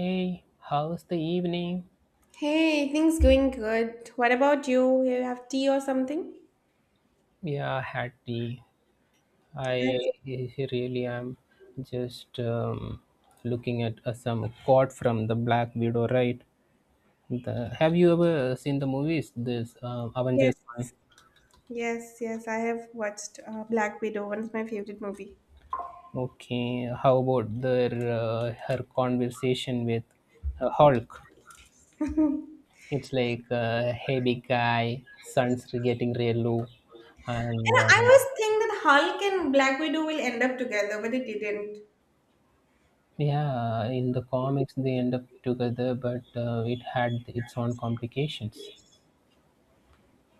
Hey, how's the evening? Hey, things going good. What about you? You have tea or something? Yeah, I had tea. Yes, I really am just looking at some quote from the Black Widow, right? Have you ever seen the movies? This yes, Avengers one. yes, I have watched Black Widow, one of my favorite movie. Okay, how about their her conversation with Hulk? It's like, hey big guy, sun's getting real low, and And I always think that Hulk and Black Widow will end up together, but it didn't. yeah, in the comics they end up together, but it had its own complications.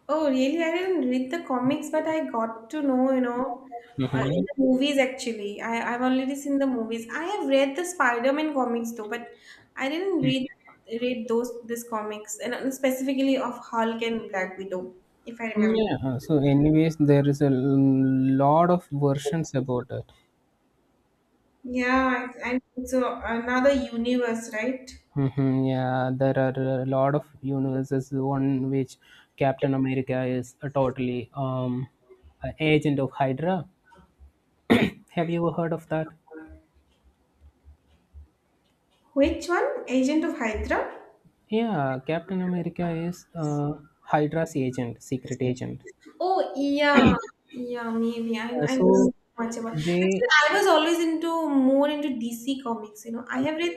Oh, really? I didn't read the comics, but I got to know, in hmm the movies actually. I've already seen the movies. I have read the Spider-Man comics though, but I didn't read those this comics and specifically of Hulk and Black Widow, if I remember. Yeah, so anyways, there is a lot of versions about it. Yeah, I think so. Another universe, right? Yeah, there are a lot of universes. One which Captain America is a totally a agent of Hydra. Have you ever heard of that? Which one? Agent of Hydra? Yeah, Captain America is Hydra's agent, secret agent. Oh, yeah, yeah, maybe. I, Uh, I don't so know much about. they Actually, I was always into more into DC comics. You know, I uh, have read.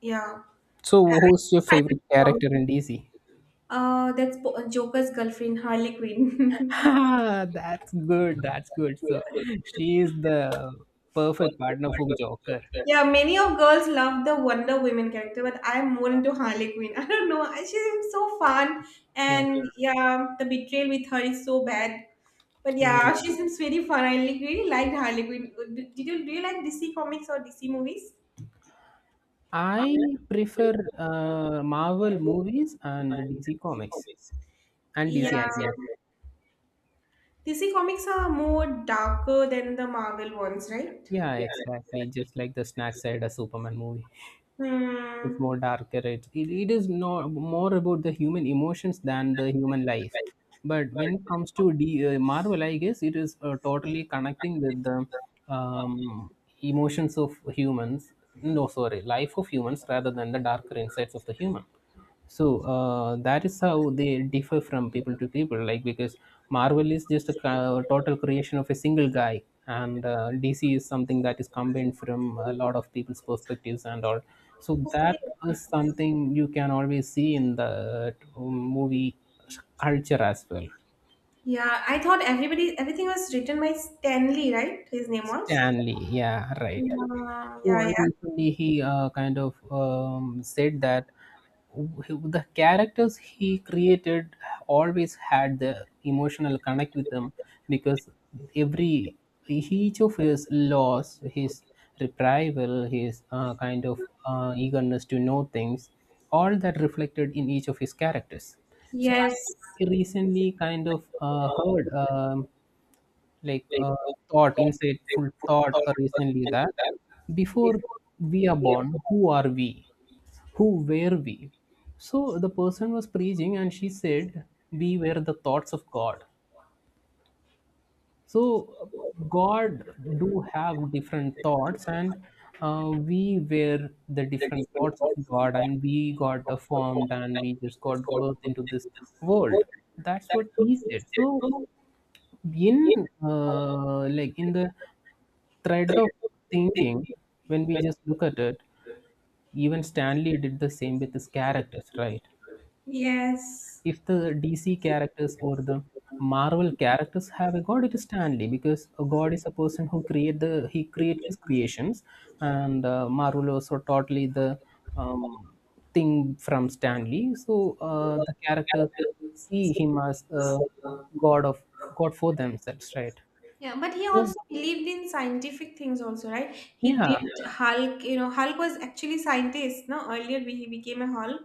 Yeah, so I who's your I favorite read character Spider-Man. in DC? That's Po- Joker's girlfriend, Harley Quinn. That's good. That's good. So she is the perfect partner for Joker. Yeah, many of girls love the Wonder Woman character, but I'm more into Harley Quinn. I don't know. I- She's so fun, Yeah, and yeah, the betrayal with her is so bad. But yeah, she yeah. seems very fun. I really liked Harley Quinn. Did you do you like DC comics or DC movies? I prefer Marvel movies and DC comics and Yeah, DC anime. DC comics are more darker than the Marvel ones, right? Yeah, exactly. Just like the snack side a Superman movie. It's Hmm. more darker, it is no more about the human emotions than the human life, but when it comes to Marvel, I guess it is totally connecting with the um, emotions of humans, no, sorry, life of humans rather than the darker insides of the human. So that is how they differ from people to people. Like, because Marvel is just a total creation of a single guy, and DC is something that is combined from a lot of people's perspectives and all. So Okay. that is something you can always see in the movie culture as well. Yeah, I thought everybody everything was written by Stanley, right? His name was. Stanley, yeah, right. Yeah, yeah, So yeah. recently he kind of said that the characters he created always had the emotional connect with them, because every each of his loss, his retrieval, his kind of eagerness to know things, all that reflected in each of his characters. So Yes, I recently kind of heard. Like uh, thought, insightful thought recently that before we are born, who are we? Who were we? So the person was preaching and she said, we were the thoughts of God. So God do have different thoughts, and we were the different thoughts of God, and we got formed and we just got birth into this world. That's what he said. So been like in the thread of thinking, when we just look at it, even Stanley did the same with his characters, right? yes. If the DC characters or the Marvel characters have a god, it is Stanley, because a god is a person who create the, he create his creations. And Marvel also totally the um, thing from Stanley. So the characters see him as a god, of god for themselves, right? Yeah, but he So. also believed in scientific things also, right? He did. Yeah. Yeah. Hulk, you know, Hulk was actually scientist, no? Earlier he became a Hulk,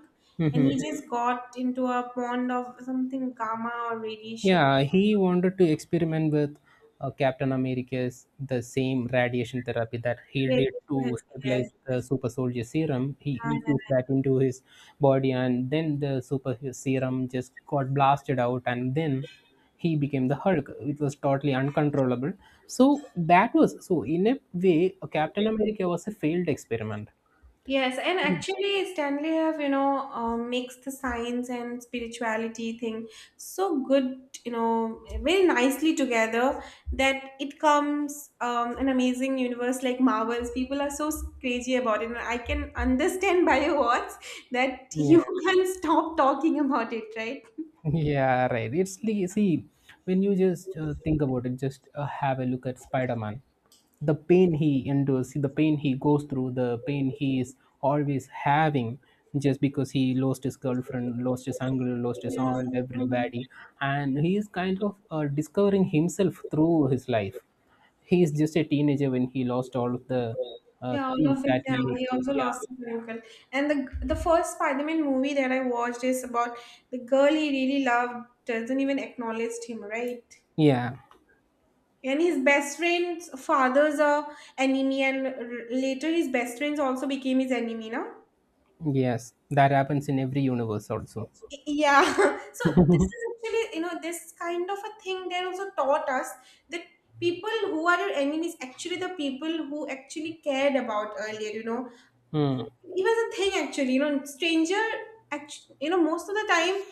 and he hmm just got into a pond of something gamma or radiation. Yeah, he wanted to experiment with Captain America's, the same radiation therapy that he did Radiation. to stabilize Yes, the yes. super soldier serum. He Yeah, yeah, yeah. infused that into his body, and then the super serum just got blasted out, and then he became the Hulk. It was totally uncontrollable. So that was, so in a way, Captain America was a failed experiment. Yes, and actually, Stanley have, you know, mixed the science and spirituality thing so good, you know, very nicely together that it comes an amazing universe like Marvels. People are so crazy about it. And I can understand by your words that you Yeah. can't stop talking about it, right? Yeah, right. It's like, see, when you just think about it, just have a look at Spider Man. The pain he endures, see, the pain he goes through, the pain he is always having, just because he lost his girlfriend, lost his uncle, lost his Yeah. aunt, everybody. And he is kind of discovering himself through his life. He is just a teenager when he lost all of the Yeah, all things of it. that Yeah, he, he also yeah, lost his uncle. And the first Spider-Man movie that I watched is about the girl he really loved doesn't even acknowledge him, right? yeah, And his best friend's father's a enemy, and later his best friends also became his enemy, no? yes, that happens in every universe also. Yeah. So this is actually, you know, this kind of a thing they also taught us that people who are your enemies actually the people who actually cared about earlier, you know, Hmm. it was a thing actually, you know, stranger, actually, you know, most of the time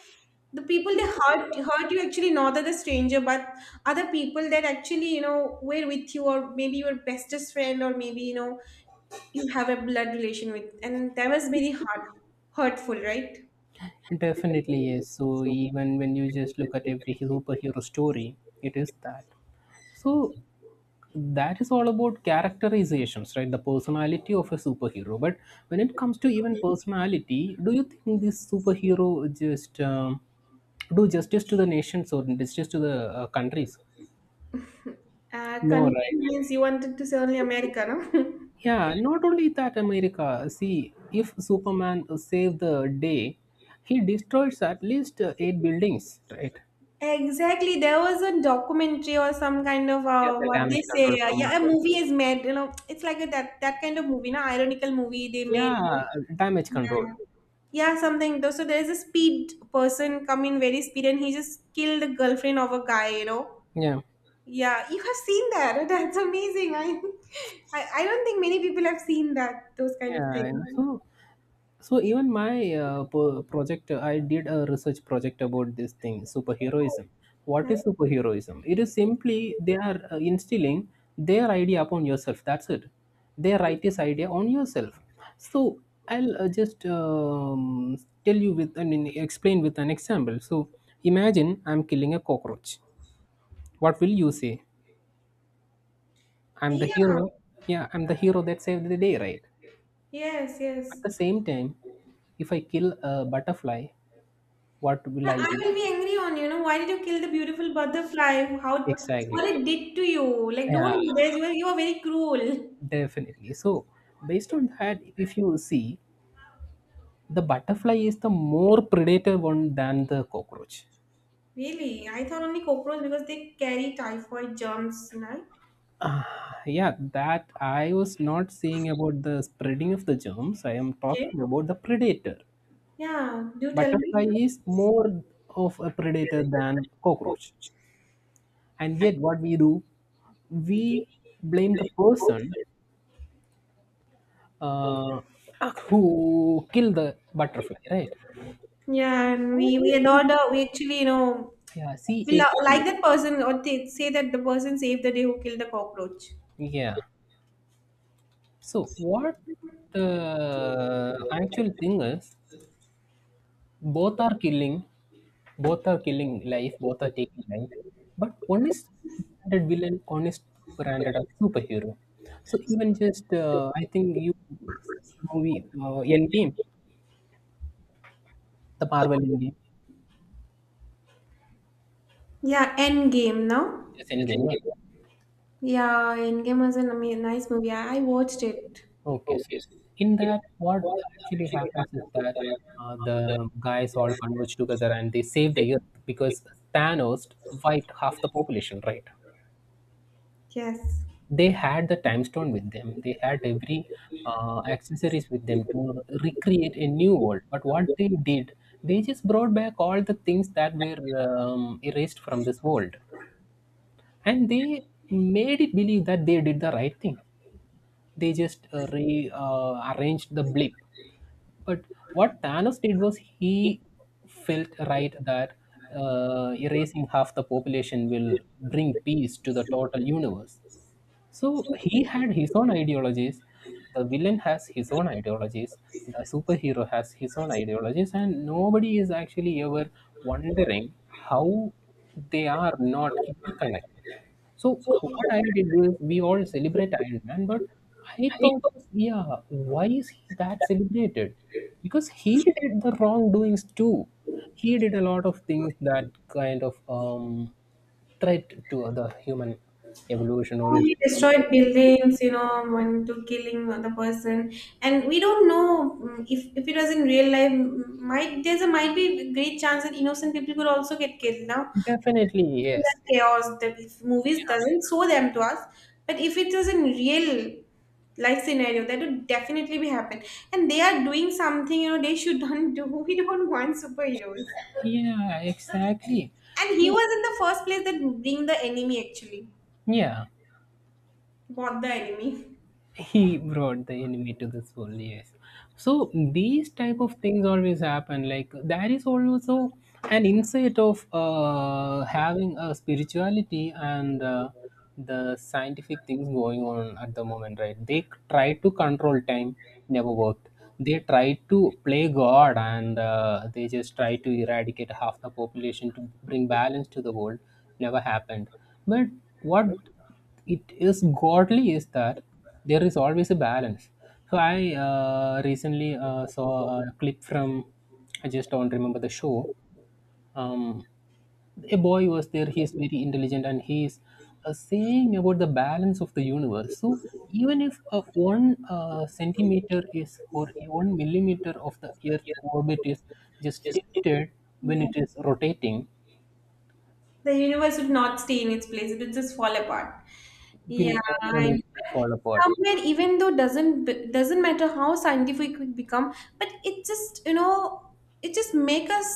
the people they hurt you, actually not that the stranger, but other people that actually, you know, were with you, or maybe your bestest friend, or maybe, you know, you have a blood relation with, and that was very hard, hurtful, right? Definitely, yes. So even when you just look at every superhero story, it is that. So that is all about characterizations, right? The personality of a superhero. But when it comes to even personality, do you think this superhero just do justice to the nations or justice to the countries? No, right? convenience you wanted to say only America, no? Yeah, not only that, America. See, if Superman saved the day, he destroys at least eight buildings, right? Exactly. There was a documentary or some kind of Yeah, the what damage they control say. From Yeah, a Marvel. movie is made. You know, it's like a, that kind of movie, na ironical movie they made. No? Yeah, damage control. Yeah. Yeah, something though. So there's a speed person come in very speed and he just killed the girlfriend of a guy, you know. Yeah, Yeah, you have seen that. That's amazing. I don't think many people have seen that, those kind of things. So, so even my project, I did a research project about this thing, superheroism. What is Nice. superheroism? It is simply they are instilling their idea upon yourself. That's it. They write this idea on yourself. So I'll just tell you with, I mean, explain with an example. So imagine I'm killing a cockroach. What will you say? I'm the Yeah. hero. Yeah, I'm the hero that saved the day, right? Yes, At yes. the same time, if I kill a butterfly, what will Now, I I do? will be angry on you, you know, why did you kill the beautiful butterfly? How what Exactly. it did to you? Like Yeah, don't do this. You are very cruel. definitely. So, based on that, if you see, the butterfly is the more predator one than the cockroach. Really? I thought only cockroach because they carry typhoid germs, you know. Ah, yeah, that I was not saying about the spreading of the germs. I am Okay. talking about the predator. Yeah, do tell me. Butterfly is more of a predator than cockroach. And yet, what we do, we blame the person uh, who killed the butterfly, right? Yeah, and we adore the we actually, you know, Yeah, see, we like again, that person, or they say that the person saved the day who killed the cockroach. yeah, so what the actual thing is, both are killing both are killing life, both are taking life, but one is branded villain, one is branded a superhero. So even just I think you movie, Endgame, the Marvel Endgame, Yeah, Endgame. Now, just Endgame, yeah. yeah, Endgame was a nice movie. I watched it. Okay, so in that, what actually happens is that the guys all converge together and they save the Earth because Thanos wiped half the population, right? Yes. They had the time stone with them. They had every accessories with them to recreate a new world. But what they did, they just brought back all the things that were erased from this world, and they made it believe that they did the right thing. They just rearranged arranged the blip. But what Thanos did was, he felt right that erasing half the population will bring peace to the total universe. So he had his own ideologies. The villain has his own ideologies. The superhero has his own ideologies, and nobody is actually ever wondering how they are not interconnected. So what I did was, we all celebrate Iron Man, but I thought, yeah, why is he that celebrated? Because he did the wrongdoings too. He did a lot of things that kind of threat to other human evolution or Yeah, he human, destroyed buildings, you know, when to killing the person, and we don't know, if it was in real life. Might there's a might be a great chance that innocent people could also get killed now. definitely, Creating yes, that chaos that if movies doesn't show them to us, but if it is in real life scenario that would definitely be happen, and they are doing something, you know, they shouldn't do. We don't want superheroes, yeah, exactly. and he So was in the first place that bring the enemy, actually yeah, bought the enemy. he brought the enemy to this world, yes. So these type of things always happen. Like, there is also an insight of having a spirituality and the scientific things going on at the moment, right? They try to control time, never worked. They try to play God, and they just try to eradicate half the population to bring balance to the world, never happened. But what it is godly is that there is always a balance. So I recently saw a clip from, I just don't remember the show. um, a boy was there, he's very intelligent, and he's saying about the balance of the universe. So even if one centimeter is or one millimeter of the earth orbit is just tilted when Yeah, it is rotating, the universe would not stay in its place, it would just fall apart. will Yeah, definitely and fall apart. somewhere even though doesn't doesn't matter how scientific we become, but it just, you know, it just make us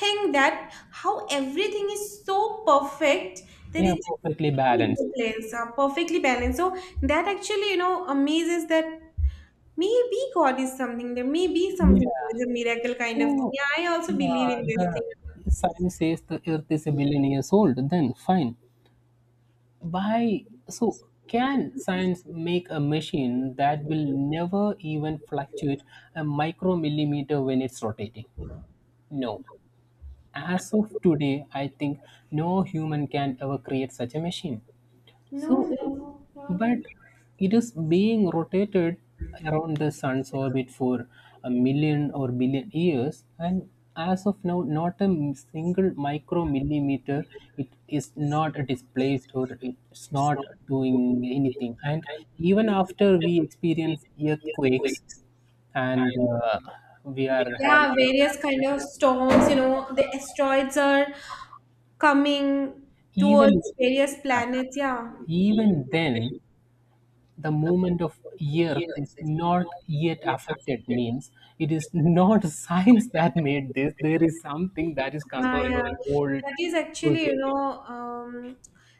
think that how everything is so perfect that They are it just perfectly stays in balanced. the place, perfectly balanced. So that actually, you know, amazes that maybe God is something there, may be something there Yeah. is a miracle kind of Oh, thing. Yeah, I also believe in this thing. the science says the earth is a billion years old, then fine. Why? So, can science make a machine that will never even fluctuate a micromillimeter when it's rotating? No. As of today, I think no human can ever create such a machine. No, So, no, no. but it is being rotated around the sun's orbit for a million or billion years, and as of now, not a single micromillimeter, it is not displaced or it's not doing anything. And even after we experience earthquakes and we are having, Have. Yeah, various kind of storms, you know, the asteroids are coming even, towards various planets. Yeah. even then the movement of earth is not yet affected, means it is not science that made this. There is something that is Yeah, yeah. controlling the whole That is actually, you process. know,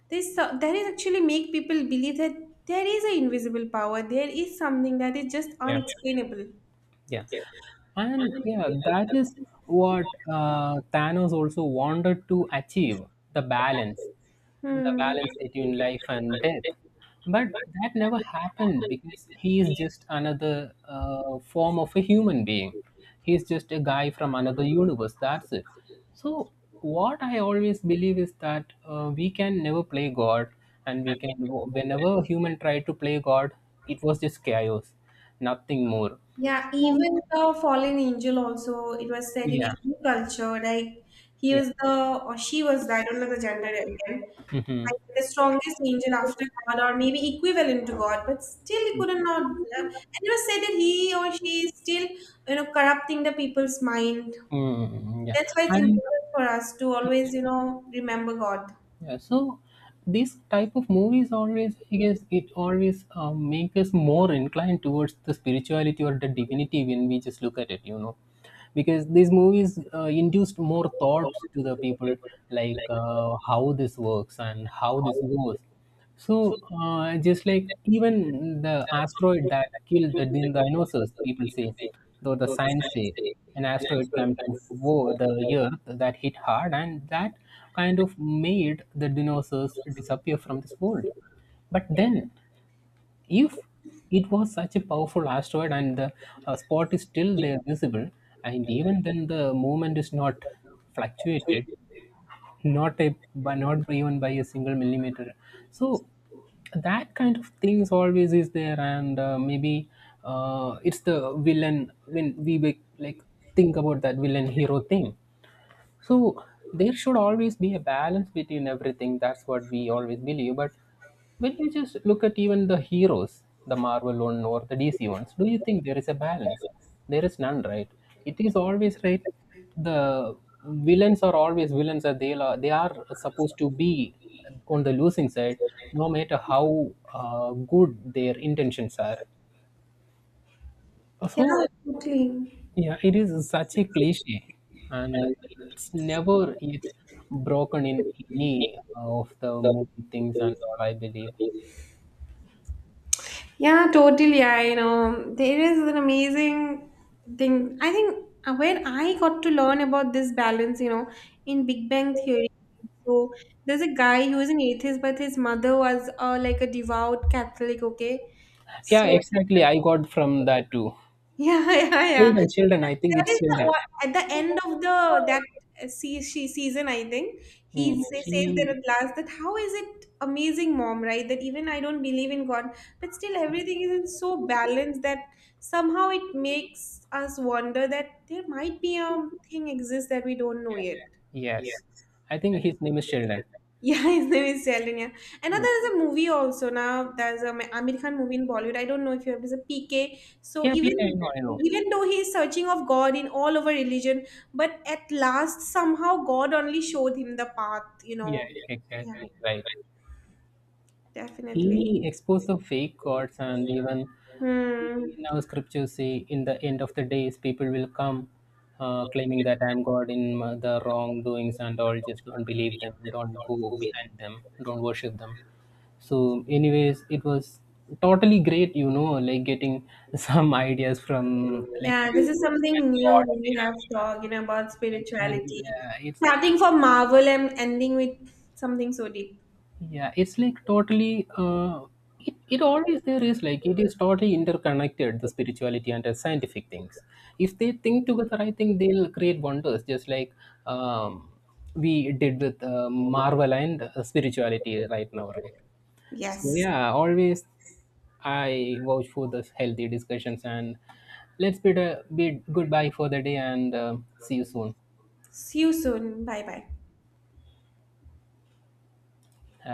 this that is actually make people believe that there is an invisible power. There is something that is just Yeah. unexplainable. Yeah. And yeah, that is what Thanos also wanted to achieve, the balance, the Hmm. balance between life and death. But that never happened because he is just another form of a human being. He's just a guy from another universe. That's it. So, what I always believe is that we can never play God, and we can, whenever human tried to play God, it was just chaos, nothing more. Yeah, even the fallen angel also, it was said in Yeah. every culture, like he Yeah. was the, or she was the, I don't know the gender again, Mm-hmm. like the strongest angel after God, or maybe equivalent to God, but still he couldn't not, and it was said that he or she is still, you know, corrupting the people's mind. Mm, yeah. That's why it's And important for us to always, you know, remember God. yeah, so this type of movies always, I guess, it always make us more inclined towards the spirituality or the divinity when we just look at it, you know, because these movies induced more thoughts to the people, like how this works and how this goes. So, just like even the asteroid that killed the dinosaurs, people say, though the science say, an asteroid came to the Earth that hit hard, and that kind of made the dinosaurs disappear from this world. But then, if it was such a powerful asteroid and the spot is still there visible, and even then the movement is not fluctuated, not a by, not even by a single millimeter. So that kind of things always is there, and maybe it's the villain, when we like think about that villain hero thing. So there should always be a balance between everything. That's what we always believe. But when you just look at even the heroes, the Marvel one or the DC ones, do you think there is a balance? There is none, right? It is always right. The villains are always villains, and they are supposed to be on the losing side, no matter how good their intentions are. Yeah, So absolutely. yeah, it is such a cliche, and it's never yet broken in any of the movie things and all, I believe. Yeah, totally. I know. There is an amazing thing. I think when I got to learn about this balance, you know, in Big Bang Theory. So there's a guy who is an atheist, but his mother was like a devout Catholic, okay? Yeah, So exactly. I got from that too. yeah, yeah, yeah. Sheldon. I think That it's is Sheldon. the at the end of the that see she season, I think Hmm. he says there she, at last that how is it amazing, mom, right? That even I don't believe in God, but still everything is in so balanced that somehow it makes us wonder that there might be a thing exists that we don't know yet. yes, I think his name is Sheldon. Yeah, his name is Shalanya. Hmm. Another is a movie also. Now there's a Amir Khan movie in Bollywood. I don't know if you have this a PK. So I know, I know. even though he is searching of God in all over religion, but at last somehow God only showed him the path. You know. Yeah, Yeah, exactly. Right. definitely. He exposed the fake gods, and even Hmm. in our scriptures say, in the end of the days, people will come claiming that I'm God in the wrongdoings and all. Just don't believe them. Don't go behind them. Don't worship them. So, anyways, it was totally great, you know, like getting some ideas from like Yeah, this is movies and something new gods. we Yeah, have talked, you know, about I spirituality, yeah, it's starting from Marvel and ending with something so deep. Yeah, it's like totally. It always, there is like, it is totally interconnected, the spirituality and the scientific things. If they think together, I think they'll create wonders. Just like um, we did with Marvel and spirituality right now, right? So Yes. yeah, always I vouch for the healthy discussions and let's bid a bid goodbye for the day and see you soon. See you soon. Bye bye. Have